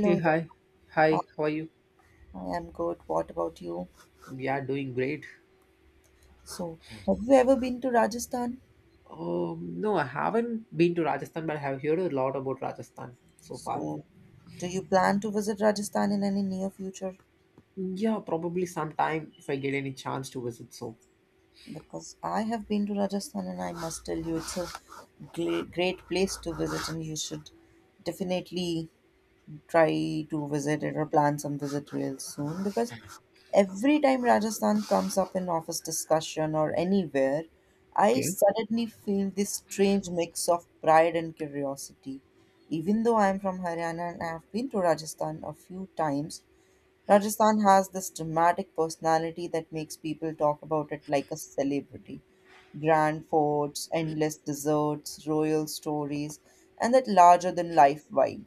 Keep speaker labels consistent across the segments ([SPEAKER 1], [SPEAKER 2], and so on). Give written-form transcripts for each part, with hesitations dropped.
[SPEAKER 1] Hey,
[SPEAKER 2] there.
[SPEAKER 1] hi. Hi, how are you?
[SPEAKER 2] I am good. What about you?
[SPEAKER 1] Yeah, doing great.
[SPEAKER 2] So, have you ever been to Rajasthan?
[SPEAKER 1] No, I haven't been to Rajasthan, but I have heard a lot about Rajasthan so far.
[SPEAKER 2] So, do you plan to visit Rajasthan in any near future?
[SPEAKER 1] Yeah, probably sometime if I get any chance to visit. So,
[SPEAKER 2] Because I have been to Rajasthan and I must tell you it's a great, great place to visit and you should definitely try to visit it or plan some visit real soon, because every time Rajasthan comes up in office discussion or anywhere, I
[SPEAKER 1] okay.
[SPEAKER 2] suddenly feel this strange mix of pride and curiosity. Even though I am from Haryana and I have been to Rajasthan a few times, Rajasthan has this dramatic personality that makes people talk about it like a celebrity. Grand forts, endless deserts, royal stories, and that larger than life vibe.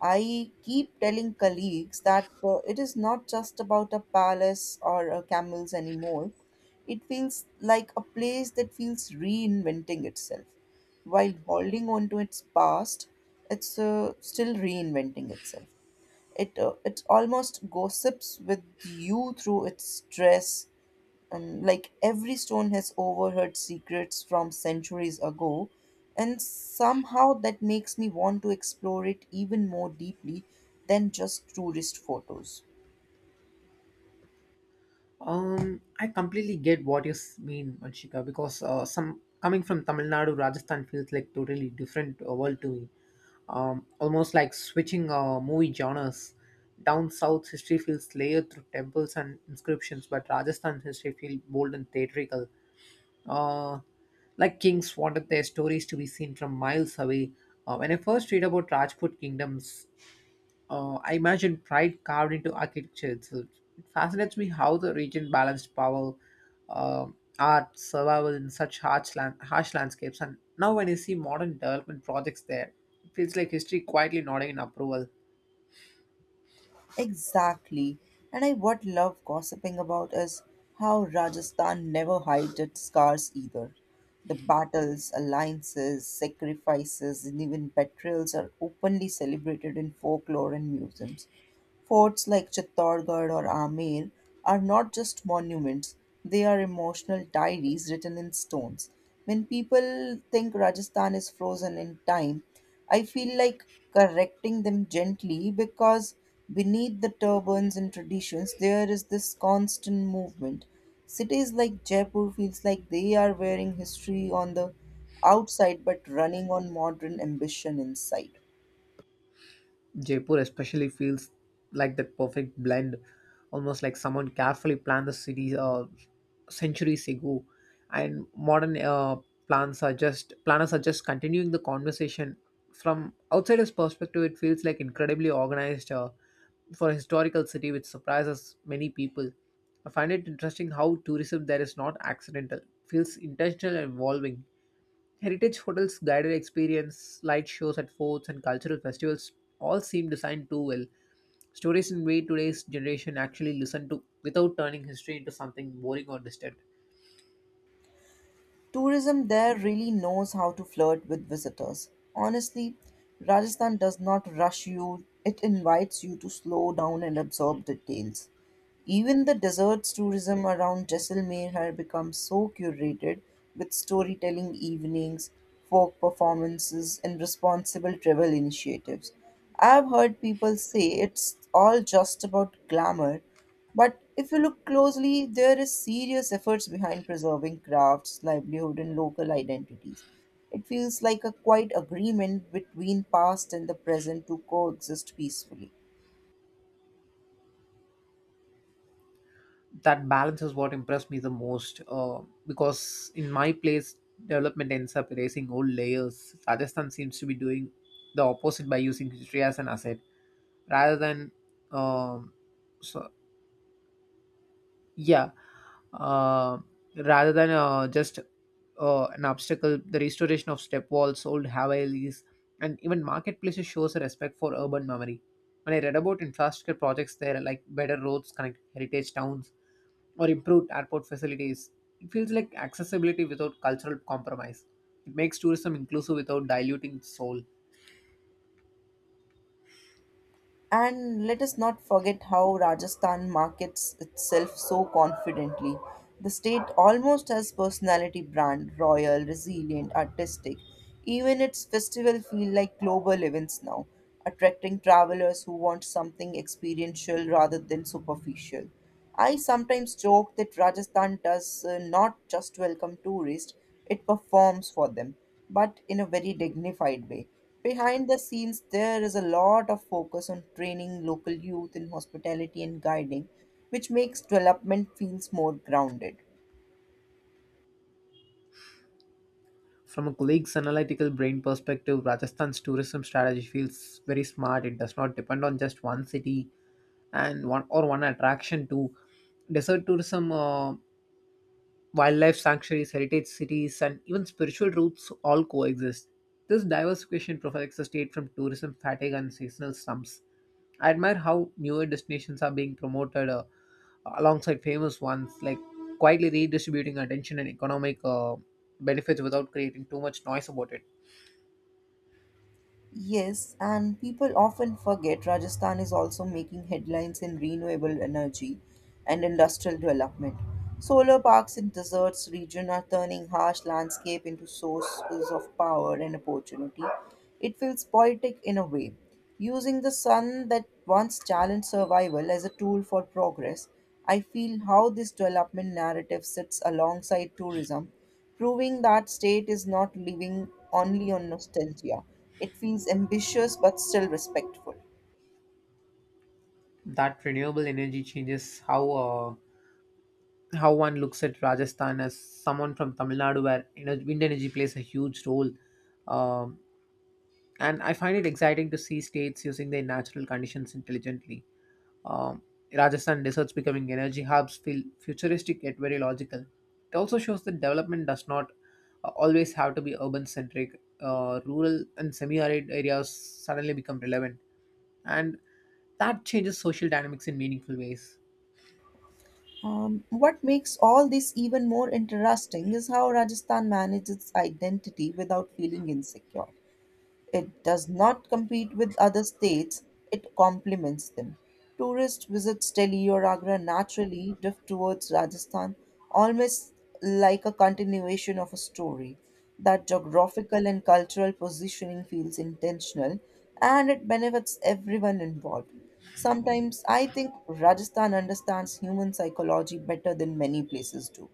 [SPEAKER 2] I keep telling colleagues that it is not just about a palace or camels anymore. It feels like a place that feels reinventing itself. While holding on to its past, it's still reinventing itself. It almost gossips with you through its dress, and like every stone has overheard secrets from centuries ago, and somehow that makes me want to explore it even more deeply than just tourist photos.
[SPEAKER 1] I completely get what you mean, Manshika, because some coming from Tamil Nadu, Rajasthan feels like totally different world to me. Almost like switching movie genres. Down south, history feels layered through temples and inscriptions, but Rajasthan's history feels bold and theatrical, uh, like kings wanted their stories to be seen from miles away. When I first read about Rajput kingdoms, I imagined pride carved into architecture itself. It fascinates me how the region balanced power, uh, art, survival in such harsh landscapes. And now, when I see modern development projects there, it feels like history quietly nodding in approval.
[SPEAKER 2] Exactly. And I what love gossiping about is how Rajasthan never hides its scars either. The battles, alliances, sacrifices, and even betrayals are openly celebrated in folklore and museums. Forts like Chittorgarh or Amer are not just monuments, they are emotional diaries written in stones. When people think Rajasthan is frozen in time, I feel like correcting them gently, because beneath the turbans and traditions, there is this constant movement. Cities like Jaipur feels like they are wearing history on the outside but running on modern ambition inside.
[SPEAKER 1] Jaipur especially feels like the perfect blend, almost like someone carefully planned the city centuries ago, and modern plans are just planners are just continuing the conversation from outsider's perspective. It feels like incredibly organized for a historical city, which surprises many people. I find it interesting how tourism there is not accidental; it feels intentional and evolving. Heritage hotels, guided experience, light shows at forts, and cultural festivals all seem designed too well. Stories in way today's generation actually listen to without turning history into something boring or distant.
[SPEAKER 2] Tourism there really knows how to flirt with visitors. Honestly, Rajasthan does not rush you, it invites you to slow down and absorb details. Even the deserts tourism around Jaisalmer had become so curated, with storytelling evenings, folk performances, and responsible travel initiatives. I've heard people say it's all just about glamour, but if you look closely, there is serious efforts behind preserving crafts, livelihood, and local identities. It feels like a quiet agreement between past and the present to coexist peacefully.
[SPEAKER 1] That balance is what impressed me the most, because in my place, development ends up erasing old layers. Rajasthan seems to be doing the opposite by using history as an asset rather than, um, so yeah, uh, rather than just an obstacle. The restoration of step walls, old Havalis, and even marketplaces shows a respect for urban memory. When I read about infrastructure projects there, like better roads connect heritage towns or improved airport facilities, it feels like accessibility without cultural compromise. It makes tourism inclusive without diluting its soul.
[SPEAKER 2] And let us not forget how Rajasthan markets itself so confidently. The state almost has personality brand, royal, resilient, artistic. Even its festival feel like global events now, attracting travelers who want something experiential rather than superficial. I sometimes joke that Rajasthan does not just welcome tourists, it performs for them, but in a very dignified way. Behind the scenes, there is a lot of focus on training local youth in hospitality and guiding, which makes development feels more grounded.
[SPEAKER 1] From a colleague's analytical brain perspective, Rajasthan's tourism strategy feels very smart. It does not depend on just one city and one attraction to desert tourism. Wildlife sanctuaries, heritage cities, and even spiritual routes all coexist. This diversification protects the state from tourism fatigue and seasonal slumps. I admire how newer destinations are being promoted alongside famous ones, like quietly redistributing attention and economic benefits without creating too much noise about it.
[SPEAKER 2] Yes, and people often forget Rajasthan is also making headlines in renewable energy and industrial development. Solar parks in deserts region are turning harsh landscape into sources of power and opportunity. It feels poetic in a way, using the sun that once challenged survival as a tool for progress. I feel how this development narrative sits alongside tourism, proving that state is not living only on nostalgia. It feels ambitious but still respectful.
[SPEAKER 1] That renewable energy changes how one looks at Rajasthan as someone from Tamil Nadu, where you know, wind energy plays a huge role. Um and I find it exciting to see states using their natural conditions intelligently. Um, Rajasthan deserts becoming energy hubs feel futuristic yet very logical. It also shows that development does not always have to be urban centric. Rural and semi arid areas suddenly become relevant, and that changes social dynamics in meaningful ways.
[SPEAKER 2] What makes all this even more interesting is how Rajasthan manages its identity without feeling insecure. It does not compete with other states, it complements them. Tourists visits Delhi or Agra naturally drift towards Rajasthan, almost like a continuation of a story. That geographical and cultural positioning feels intentional and it benefits everyone involved. Sometimes I think Rajasthan understands human psychology better than many places do.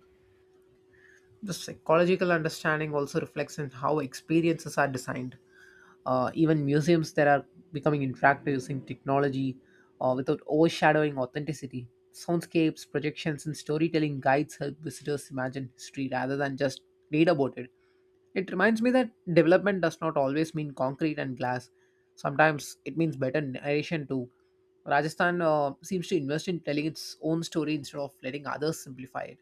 [SPEAKER 1] The psychological understanding also reflects in how experiences are designed. Even museums that are becoming interactive using technology without overshadowing authenticity. Soundscapes, projections, and storytelling guides help visitors imagine history rather than just read about it. It reminds me that development does not always mean concrete and glass. Sometimes it means better narration too. Rajasthan seems to invest in telling its own story instead of letting others simplify it.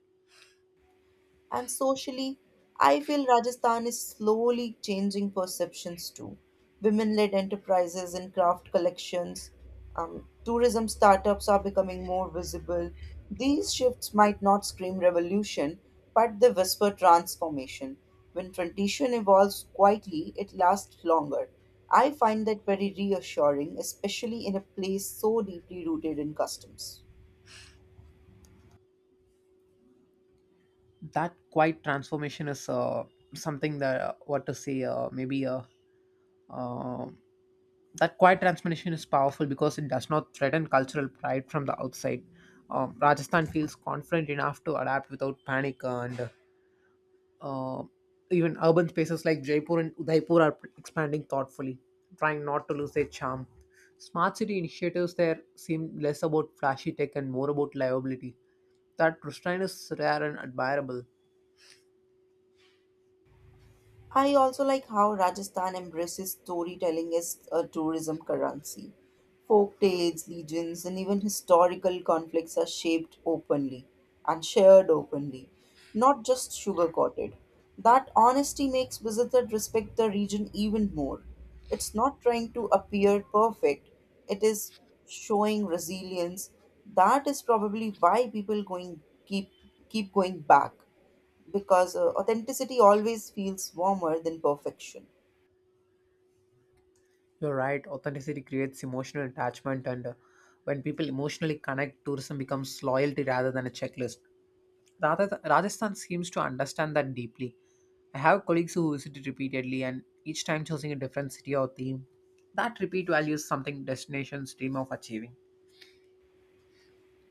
[SPEAKER 2] And socially, I feel Rajasthan is slowly changing perceptions too. Women led enterprises and craft collections, tourism startups are becoming more visible. These shifts might not scream revolution, but they whisper transformation. When tradition evolves quietly, it lasts longer. I find that very reassuring, especially in a place so deeply rooted in customs.
[SPEAKER 1] That quite transformation is something that what to say maybe uh, That quiet transformation is powerful because it does not threaten cultural pride from the outside. Rajasthan feels confident enough to adapt without panic, and uh, even urban spaces like Jaipur and Udaipur are expanding thoughtfully, trying not to lose their charm. Smart city initiatives there seem less about flashy tech and more about livability. That restraint is rare and admirable.
[SPEAKER 2] I also like how Rajasthan embraces storytelling as a tourism currency. Folk tales, legends, and even historical conflicts are shaped openly and shared openly, not just sugarcoated. That honesty makes visitors respect the region even more. It's not trying to appear perfect, it is showing resilience. That is probably why people going keep keep going back, because authenticity always feels warmer than perfection.
[SPEAKER 1] You're right, authenticity creates emotional attachment, and when people emotionally connect, tourism becomes loyalty rather than a checklist. Rajasthan seems to understand that deeply. I have colleagues who visit it repeatedly and each time choosing a different city or theme. That repeat value is something destinations dream of achieving.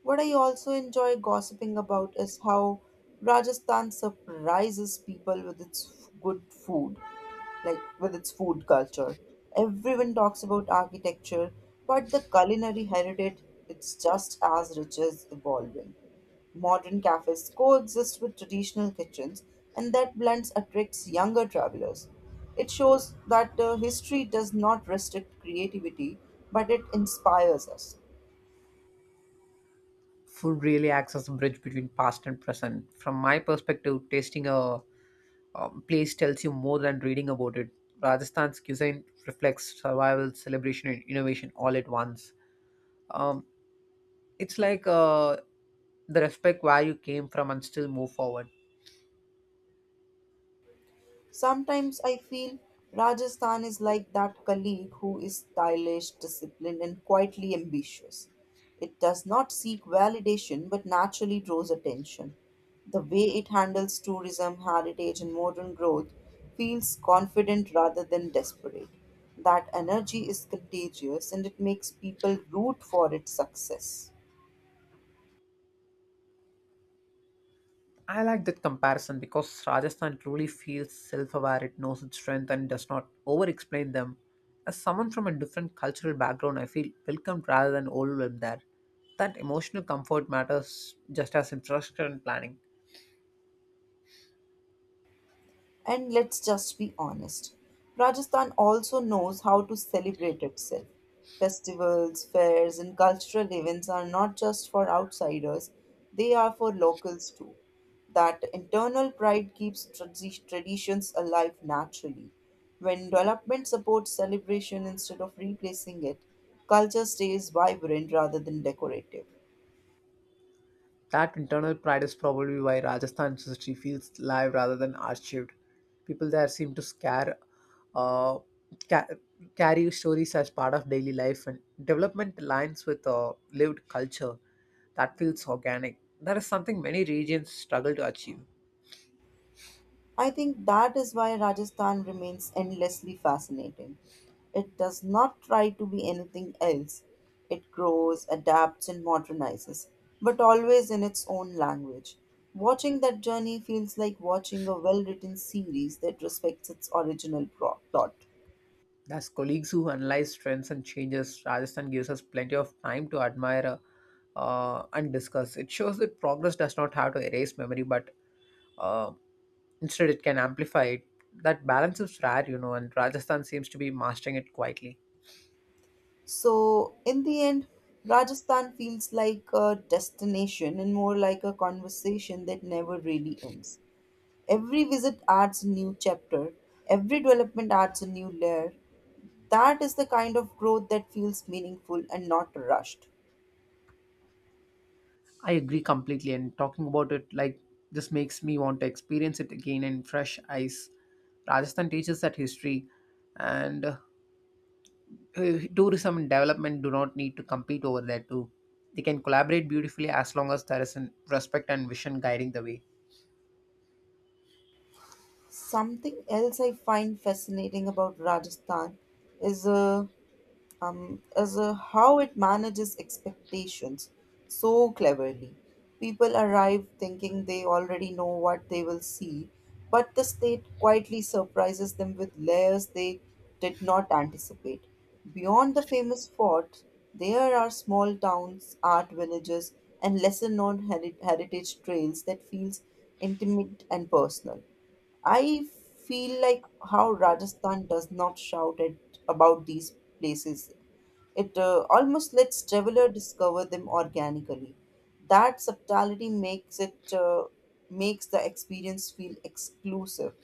[SPEAKER 2] What I also enjoy gossiping about is how Rajasthan surprises people with its good food, like with its food culture. Everyone talks about architecture, but the culinary heritage it's just as rich as evolving. Modern cafes coexist with traditional kitchens, and that blend attracts younger travelers. It shows that history does not restrict creativity, but it inspires us.
[SPEAKER 1] Food really acts as a bridge between past and present. From my perspective, tasting a, place tells you more than reading about it. Rajasthan's cuisine reflects survival, celebration, and innovation all at once. Um, it's like the respect where you came from and still move forward.
[SPEAKER 2] Sometimes I feel Rajasthan is like that colleague who is stylish, disciplined, and quietly ambitious. It does not seek validation but naturally draws attention. The way it handles tourism, heritage, and modern growth feels confident rather than desperate. That energy is contagious and it makes people root for its success.
[SPEAKER 1] I like that comparison because Rajasthan truly feels self aware, it knows its strength and does not over explain them. As someone from a different cultural background, I feel welcomed rather than overwhelmed there. That emotional comfort matters just as infrastructure and planning.
[SPEAKER 2] And let's just be honest, Rajasthan also knows how to celebrate itself. Festivals, fairs, and cultural events are not just for outsiders, they are for locals too. That internal pride keeps traditions alive naturally. When development supports celebration instead of replacing it, culture stays vibrant rather than decorative.
[SPEAKER 1] That internal pride is probably why Rajasthan's history feels live rather than archived. People there seem to scare, uh, ca- carry stories as part of daily life, and development aligns with lived culture. That feels organic. That is something many regions struggle to achieve.
[SPEAKER 2] I think that is why Rajasthan remains endlessly fascinating. It does not try to be anything else. It grows, adapts, and modernizes, but always in its own language. Watching that journey feels like watching a well written series that respects its original plot.
[SPEAKER 1] As colleagues who analyze trends and changes, Rajasthan gives us plenty of time to admire and discuss. It shows that progress does not have to erase memory, but uh, instead it can amplify it. That balance is rare, you know, and Rajasthan seems to be mastering it quietly.
[SPEAKER 2] So, in the end, Rajasthan feels like a destination and more like a conversation that never really ends. Every visit adds a new chapter, every development adds a new layer. That is the kind of growth that feels meaningful and not rushed.
[SPEAKER 1] I agree completely, and talking about it like this makes me want to experience it again in fresh eyes. Rajasthan teaches that history and tourism and development do not need to compete over there too. They can collaborate beautifully as long as there is an respect and vision guiding the way.
[SPEAKER 2] Something else I find fascinating about Rajasthan is how it manages expectations so cleverly. People arrive thinking they already know what they will see, but the state quietly surprises them with layers they did not anticipate. Beyond the famous fort, there are small towns, art villages, and lesser known heritage trails that feels intimate and personal. I feel like how Rajasthan does not shout at about these places. It almost lets traveler discover them organically. That subtlety makes the experience feel exclusive.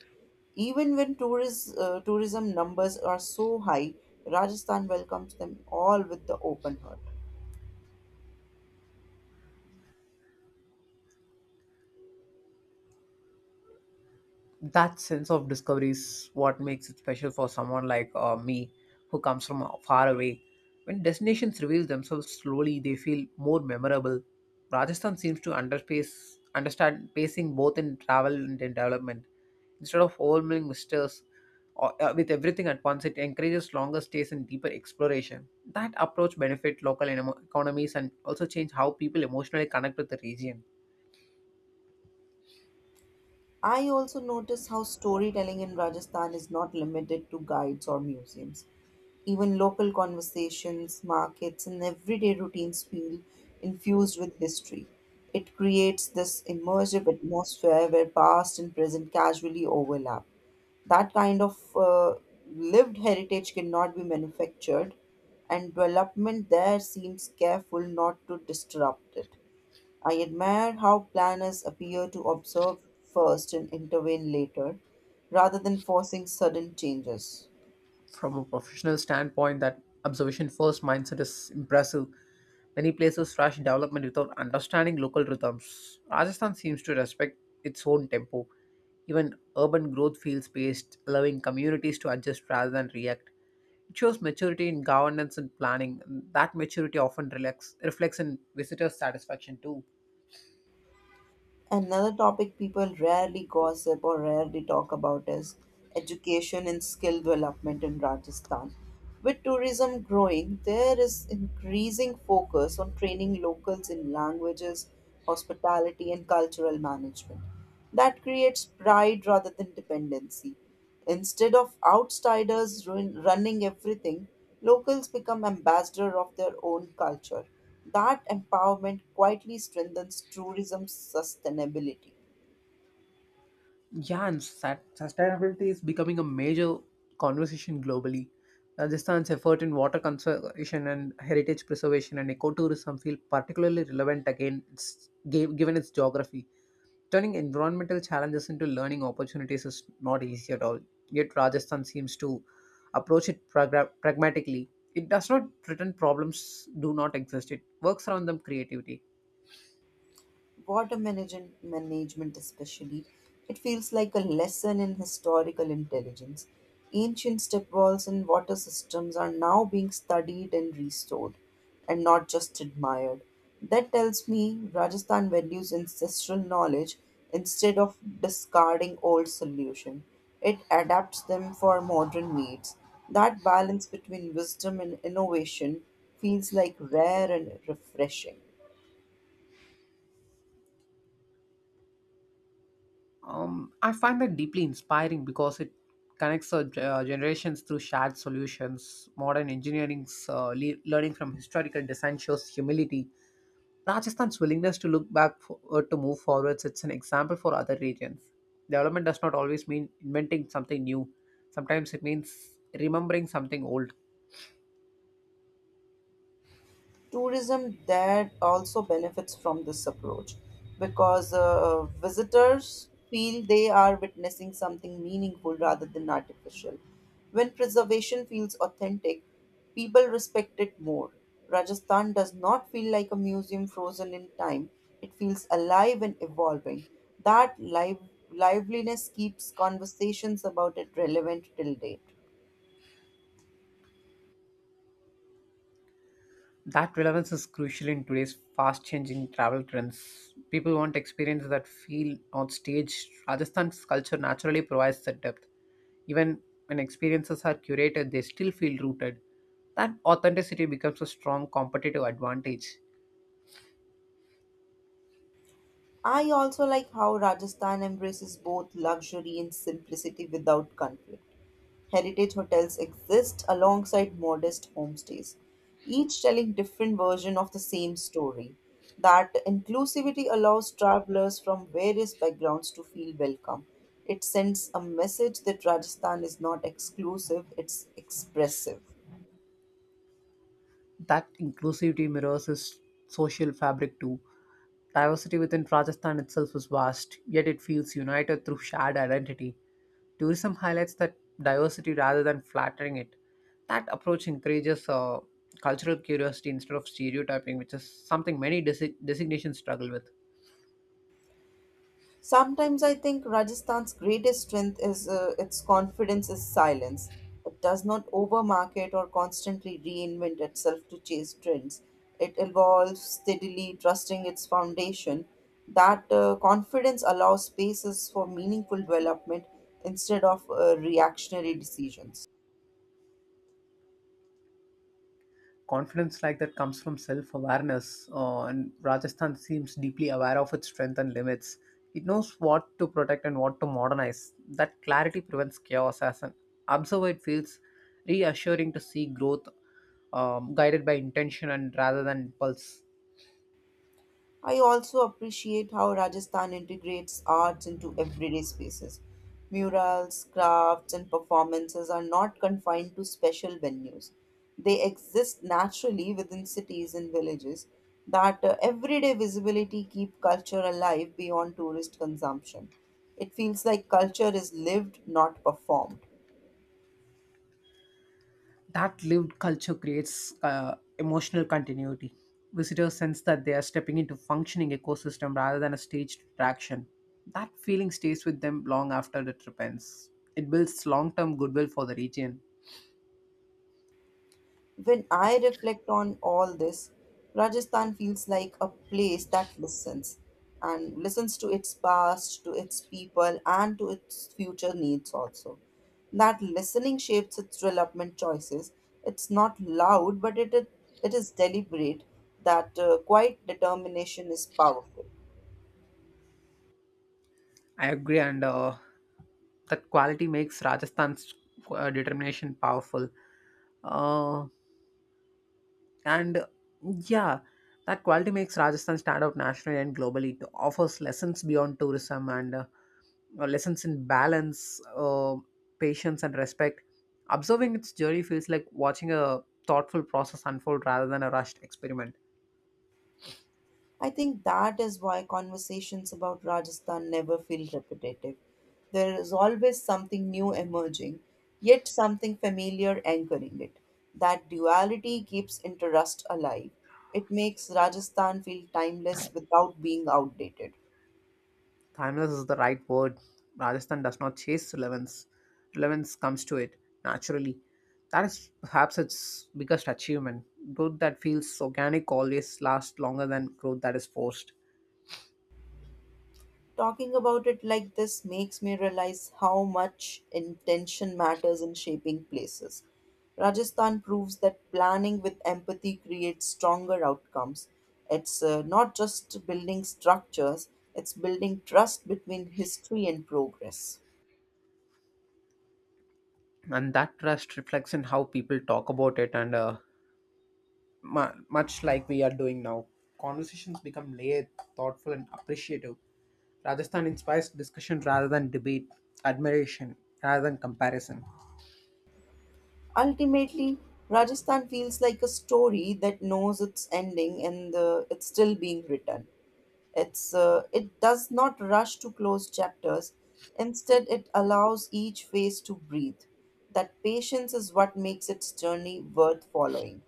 [SPEAKER 2] Even when tourism numbers are so high, Rajasthan welcomes them all with the open heart.
[SPEAKER 1] That sense of discovery is what makes it special for someone like me, who comes from far away. When destinations reveal themselves slowly, they feel more memorable. Rajasthan seems to understand pacing both in travel and in development. Instead of overwhelming visitors with everything at once, it encourages longer stays and deeper exploration. That approach benefits local economies and also change how people emotionally connect with the region.
[SPEAKER 2] I also notice how storytelling in Rajasthan is not limited to guides or museums. Even local conversations, markets, and everyday routines feel infused with history. It creates this immersive atmosphere where past and present casually overlap. That kind of lived heritage cannot be manufactured, and development there seems careful not to disrupt it. I admire how planners appear to observe first and intervene later, rather than forcing sudden changes.
[SPEAKER 1] From a professional standpoint, that observation first mindset is impressive. Many places rush development without understanding local rhythms. Rajasthan seems to respect its own tempo. Even urban growth feels paced, allowing communities to adjust rather than react. It shows maturity in governance and planning. That maturity often reflects in visitor satisfaction too.
[SPEAKER 2] Another topic people rarely gossip or rarely talk about is education and skill development in Rajasthan. With tourism growing, there is increasing focus on training locals in languages, hospitality, and cultural management. That creates pride rather than dependency. Instead of outsiders running everything, locals become ambassador of their own culture. That empowerment quietly strengthens tourism sustainability.
[SPEAKER 1] Yeah, and sustainability is becoming a major conversation globally. Rajasthan's effort in water conservation and heritage preservation and ecotourism feel particularly relevant again, given its geography. Turning environmental challenges into learning opportunities is not easy at all. Yet Rajasthan seems to approach it pragmatically. It does not pretend problems do not exist. It works around them creativity.
[SPEAKER 2] Water management especially, it feels like a lesson in historical intelligence. Ancient step wells and water systems are now being studied and restored, and not just admired. That tells me Rajasthan values ancestral knowledge. Instead of discarding old solution, it adapts them for modern needs. That balance between wisdom and innovation feels like rare and refreshing.
[SPEAKER 1] I find that deeply inspiring because it connects our generations through shared solutions. Modern engineering's learning from historical design shows humility. Rajasthan's willingness to look back for, to move forwards. It's an example for other regions. Development does not always mean inventing something new. Sometimes it means remembering something old.
[SPEAKER 2] Tourism that also benefits from this approach, because visitors feel they are witnessing something meaningful rather than artificial. When preservation feels authentic, people respect it more. Rajasthan does not feel like a museum frozen in time, it feels alive and evolving. That liveliness keeps conversations about it relevant till date.
[SPEAKER 1] That relevance is crucial in today's fast changing travel trends. People want experiences that feel not staged. Rajasthan's culture naturally provides that depth. Even when experiences are curated, they still feel rooted. That authenticity becomes a strong competitive advantage.
[SPEAKER 2] I also like how Rajasthan embraces both luxury and simplicity without conflict. Heritage hotels exist alongside modest homestays, each telling different version of the same story. That inclusivity allows travelers from various backgrounds to feel welcome. It sends a message that Rajasthan is not exclusive, it's expressive.
[SPEAKER 1] That inclusivity mirrors his social fabric too. Diversity within Rajasthan itself is vast, yet it feels united through shared identity. Tourism highlights that diversity rather than flattering it. That approach encourages cultural curiosity instead of stereotyping, which is something many designations struggle with.
[SPEAKER 2] Sometimes I think Rajasthan's greatest strength is its confidence is silence. It does not overmarket or constantly reinvent itself to chase trends. It evolves steadily, trusting its foundation. That confidence allows spaces for meaningful development instead of reactionary decisions.
[SPEAKER 1] Confidence like that comes from self awareness, and Rajasthan seems deeply aware of its strength and limits. It knows what to protect and what to modernize. That clarity prevents chaos. As an observer, it feels reassuring to see growth guided by intention and rather than impulse.
[SPEAKER 2] I also appreciate how Rajasthan integrates arts into everyday spaces. Murals, crafts, and performances are not confined to special venues. They exist naturally within cities and villages. That everyday visibility keep culture alive beyond tourist consumption. It feels like culture is lived, not performed.
[SPEAKER 1] That lived culture creates emotional continuity. Visitors sense that they are stepping into functioning ecosystem rather than a staged attraction. That feeling stays with them long after the trip ends. It builds long-term goodwill for the region.
[SPEAKER 2] When I reflect on all this, Rajasthan feels like a place that listens, and listens to its past, to its people, and to its future needs also. That listening shapes its development choices. It's not loud, but it is deliberate. That quiet determination is powerful.
[SPEAKER 1] I agree, and that quality makes Rajasthan's determination powerful. Uh, and yeah, that quality makes Rajasthan stand out nationally and globally. It offers lessons beyond tourism and lessons in balance, patience, and respect. Observing its journey feels like watching a thoughtful process unfold rather than a rushed experiment.
[SPEAKER 2] I think that is why conversations about Rajasthan never feel repetitive. There is always something new emerging, yet something familiar anchoring it. That duality keeps interest alive. It makes Rajasthan feel timeless without being outdated.
[SPEAKER 1] Timeless is the right word. Rajasthan does not chase relevance, relevance comes to it naturally. That is perhaps its biggest achievement. Growth that feels organic always lasts longer than growth that is forced.
[SPEAKER 2] Talking about it like this makes me realize how much intention matters in shaping places. Rajasthan proves that planning with empathy creates stronger outcomes. It's not just building structures, it's building trust between history and progress.
[SPEAKER 1] And that trust reflects in how people talk about it and much like we are doing now. Conversations become layered, thoughtful, and appreciative. Rajasthan inspires discussion rather than debate, admiration rather than comparison.
[SPEAKER 2] Ultimately, Rajasthan feels like a story that knows its ending and it's still being written. It does not rush to close chapters. Instead, it allows each phase to breathe. That patience is what makes its journey worth following.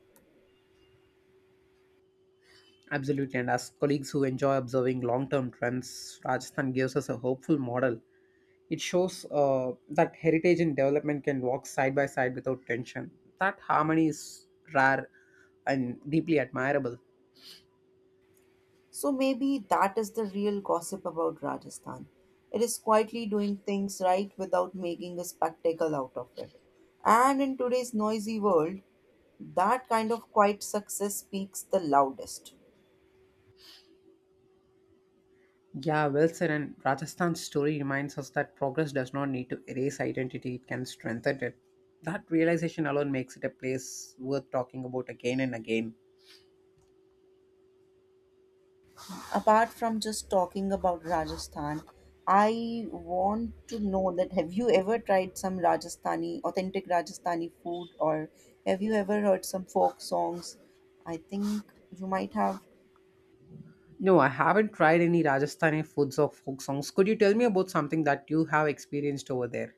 [SPEAKER 1] Absolutely, and as colleagues who enjoy observing long term trends, Rajasthan gives us a hopeful model. It shows that heritage and development can walk side by side without tension. That harmony is rare and deeply admirable.
[SPEAKER 2] So maybe that is the real gossip about Rajasthan. It is quietly doing things right without making a spectacle out of it. And in today's noisy world, that kind of quiet success speaks the loudest.
[SPEAKER 1] Yeah, well said. And Rajasthan's story reminds us that progress does not need to erase identity, it can strengthen it. That realization alone makes it a place worth talking about again and again.
[SPEAKER 2] Apart from just talking about Rajasthan, I want to know that have you ever tried some Rajasthani, authentic Rajasthani food, or have you ever heard some folk songs? I think you might have.
[SPEAKER 1] No, I haven't tried any Rajasthani foods or folk songs. Could you tell me about something that you have experienced over there?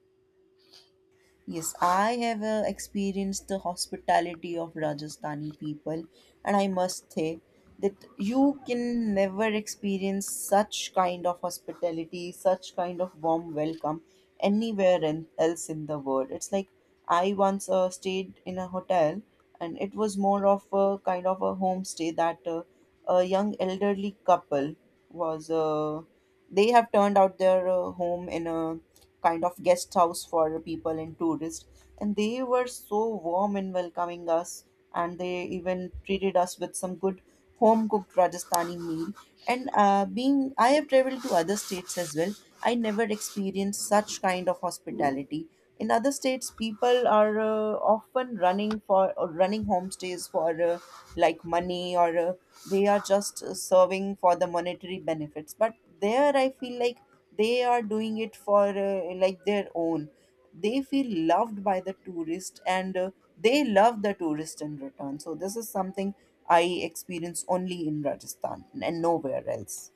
[SPEAKER 2] Yes, I have experienced the hospitality of Rajasthani people, and I must say that you can never experience such kind of hospitality, such kind of warm welcome anywhere in, else in the world. It's like I once stayed in a hotel, and it was more of a kind of a homestay that a young elderly couple was. They have turned out their home in a kind of guest house for people and tourists, and they were so warm in welcoming us, and they even treated us with some good home cooked rajasthani meal. And Being I have traveled to other states as well, I never experienced such kind of hospitality. In other states, people are often running for or running homestays for like money or they are just serving for the monetary benefits. But there, I feel like they are doing it for like their own. They feel loved by the tourist, and they love the tourist in return. So this is something I experience only in Rajasthan and nowhere else.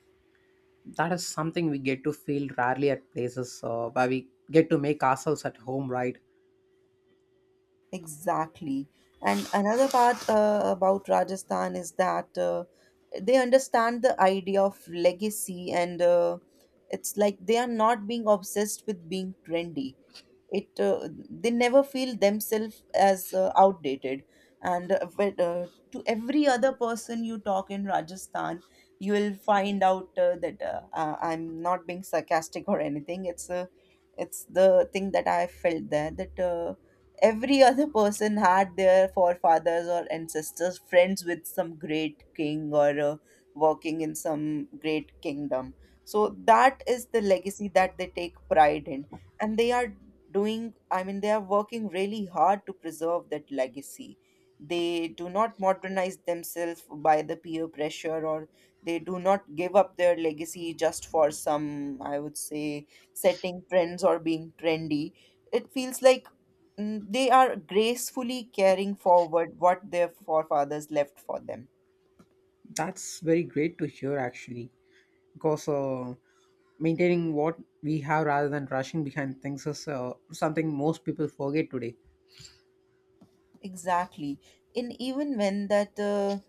[SPEAKER 1] That is something we get to feel rarely at places where we get to make ourselves at home, right?
[SPEAKER 2] Exactly. And another part about Rajasthan is that they understand the idea of legacy, and it's like they are not being obsessed with being trendy. It they never feel themselves as outdated, and but, to every other person you talk in Rajasthan, you will find out that I'm not being sarcastic or anything. It's the thing that I felt there that. Every other person had their forefathers or ancestors friends with some great king or working in some great kingdom, so that is the legacy that they take pride in, and they are doing, I mean they are working really hard to preserve that legacy. They do not modernize themselves by the peer pressure, or they do not give up their legacy just for some, I would say, setting trends or being trendy. It feels like they are gracefully carrying forward what their forefathers left for them.
[SPEAKER 1] That's very great to hear actually. Because maintaining what we have rather than rushing behind things is something most people forget today.
[SPEAKER 2] Exactly. And even when that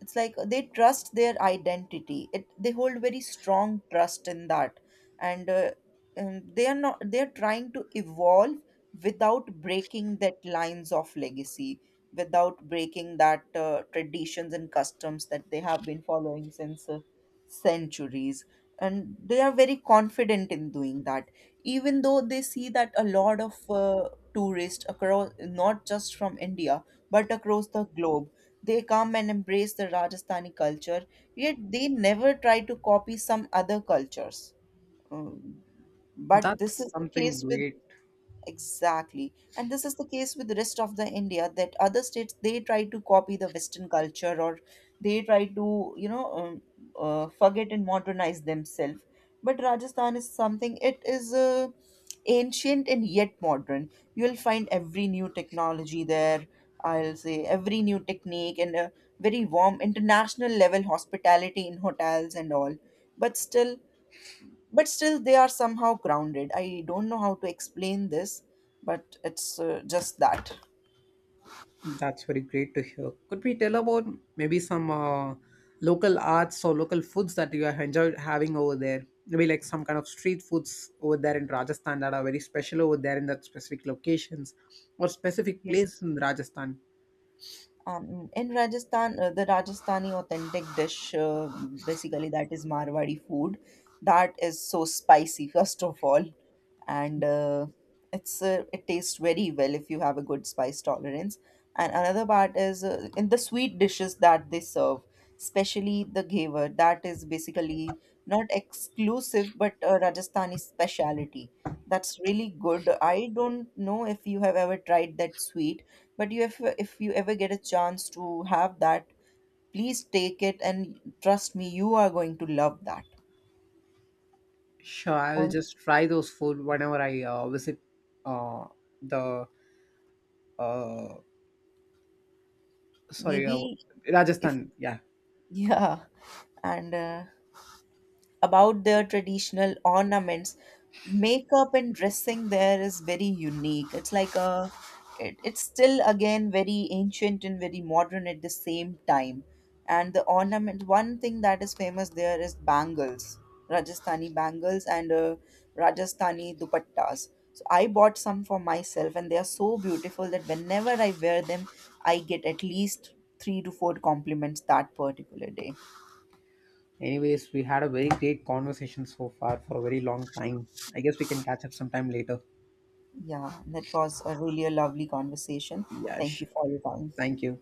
[SPEAKER 2] it's like they trust their identity, it they hold very strong trust in that, and, uh, and they are not, they're trying to evolve without breaking that lines of legacy, without breaking that traditions and customs that they have been following since centuries, and they are very confident in doing that, even though they see that a lot of tourists, across not just from india but across the globe, they come and embrace the Rajasthani culture, yet they never try to copy some other cultures. Um, but this
[SPEAKER 1] That's
[SPEAKER 2] is the
[SPEAKER 1] something
[SPEAKER 2] case with.
[SPEAKER 1] great.
[SPEAKER 2] Exactly. And this is the case with the rest of the India, that other states they try to copy the Western culture, or they try to, forget and modernize themselves. But Rajasthan is something, it is ancient and yet modern. You'll find every new technology there, I'll say every new technique and a very warm international level hospitality in hotels and all. But still, but still they are somehow grounded. I don't know how to explain this, but it's just that.
[SPEAKER 1] That's very great to hear. Could we tell about maybe some local arts or local foods that you have enjoyed having over there? Maybe like some kind of street foods over there in Rajasthan that are very special over there in that specific locations or specific
[SPEAKER 2] Yes.
[SPEAKER 1] place in Rajasthan.
[SPEAKER 2] In Rajasthan, the Rajasthani authentic dish, basically that is Marwadi food. That is so spicy, first of all, and it's it tastes very well if you have a good spice tolerance. And another part is in the sweet dishes that they serve, especially the ghevar. That is basically not exclusive, but a Rajasthani speciality. That's really good. I don't know if you have ever tried that sweet, but you, if you ever get a chance to have that, please take it and trust me, you are going to love that.
[SPEAKER 1] Sure, I will
[SPEAKER 2] Or
[SPEAKER 1] just try those food whenever I visit uh, the uh, sorry, uh,
[SPEAKER 2] maybe if
[SPEAKER 1] Rajasthan. Yeah.
[SPEAKER 2] yeah, and about their traditional ornaments, makeup and dressing, there is very unique. It's like a, it's still again very ancient and very modern at the same time, and the ornament, one thing that is famous there is bangles, rajasthani bangles, and rajasthani dupattas. So I bought some for myself and they are so beautiful that whenever I wear them, I get at least 3 to 4 compliments that particular day.
[SPEAKER 1] Anyways, we had a very great conversation so far for a very long time. I guess we can catch up sometime later.
[SPEAKER 2] Yeah, that was a really a lovely conversation.
[SPEAKER 1] Yeah,
[SPEAKER 2] Thank you
[SPEAKER 1] sure.
[SPEAKER 2] for your time.
[SPEAKER 1] Thank you.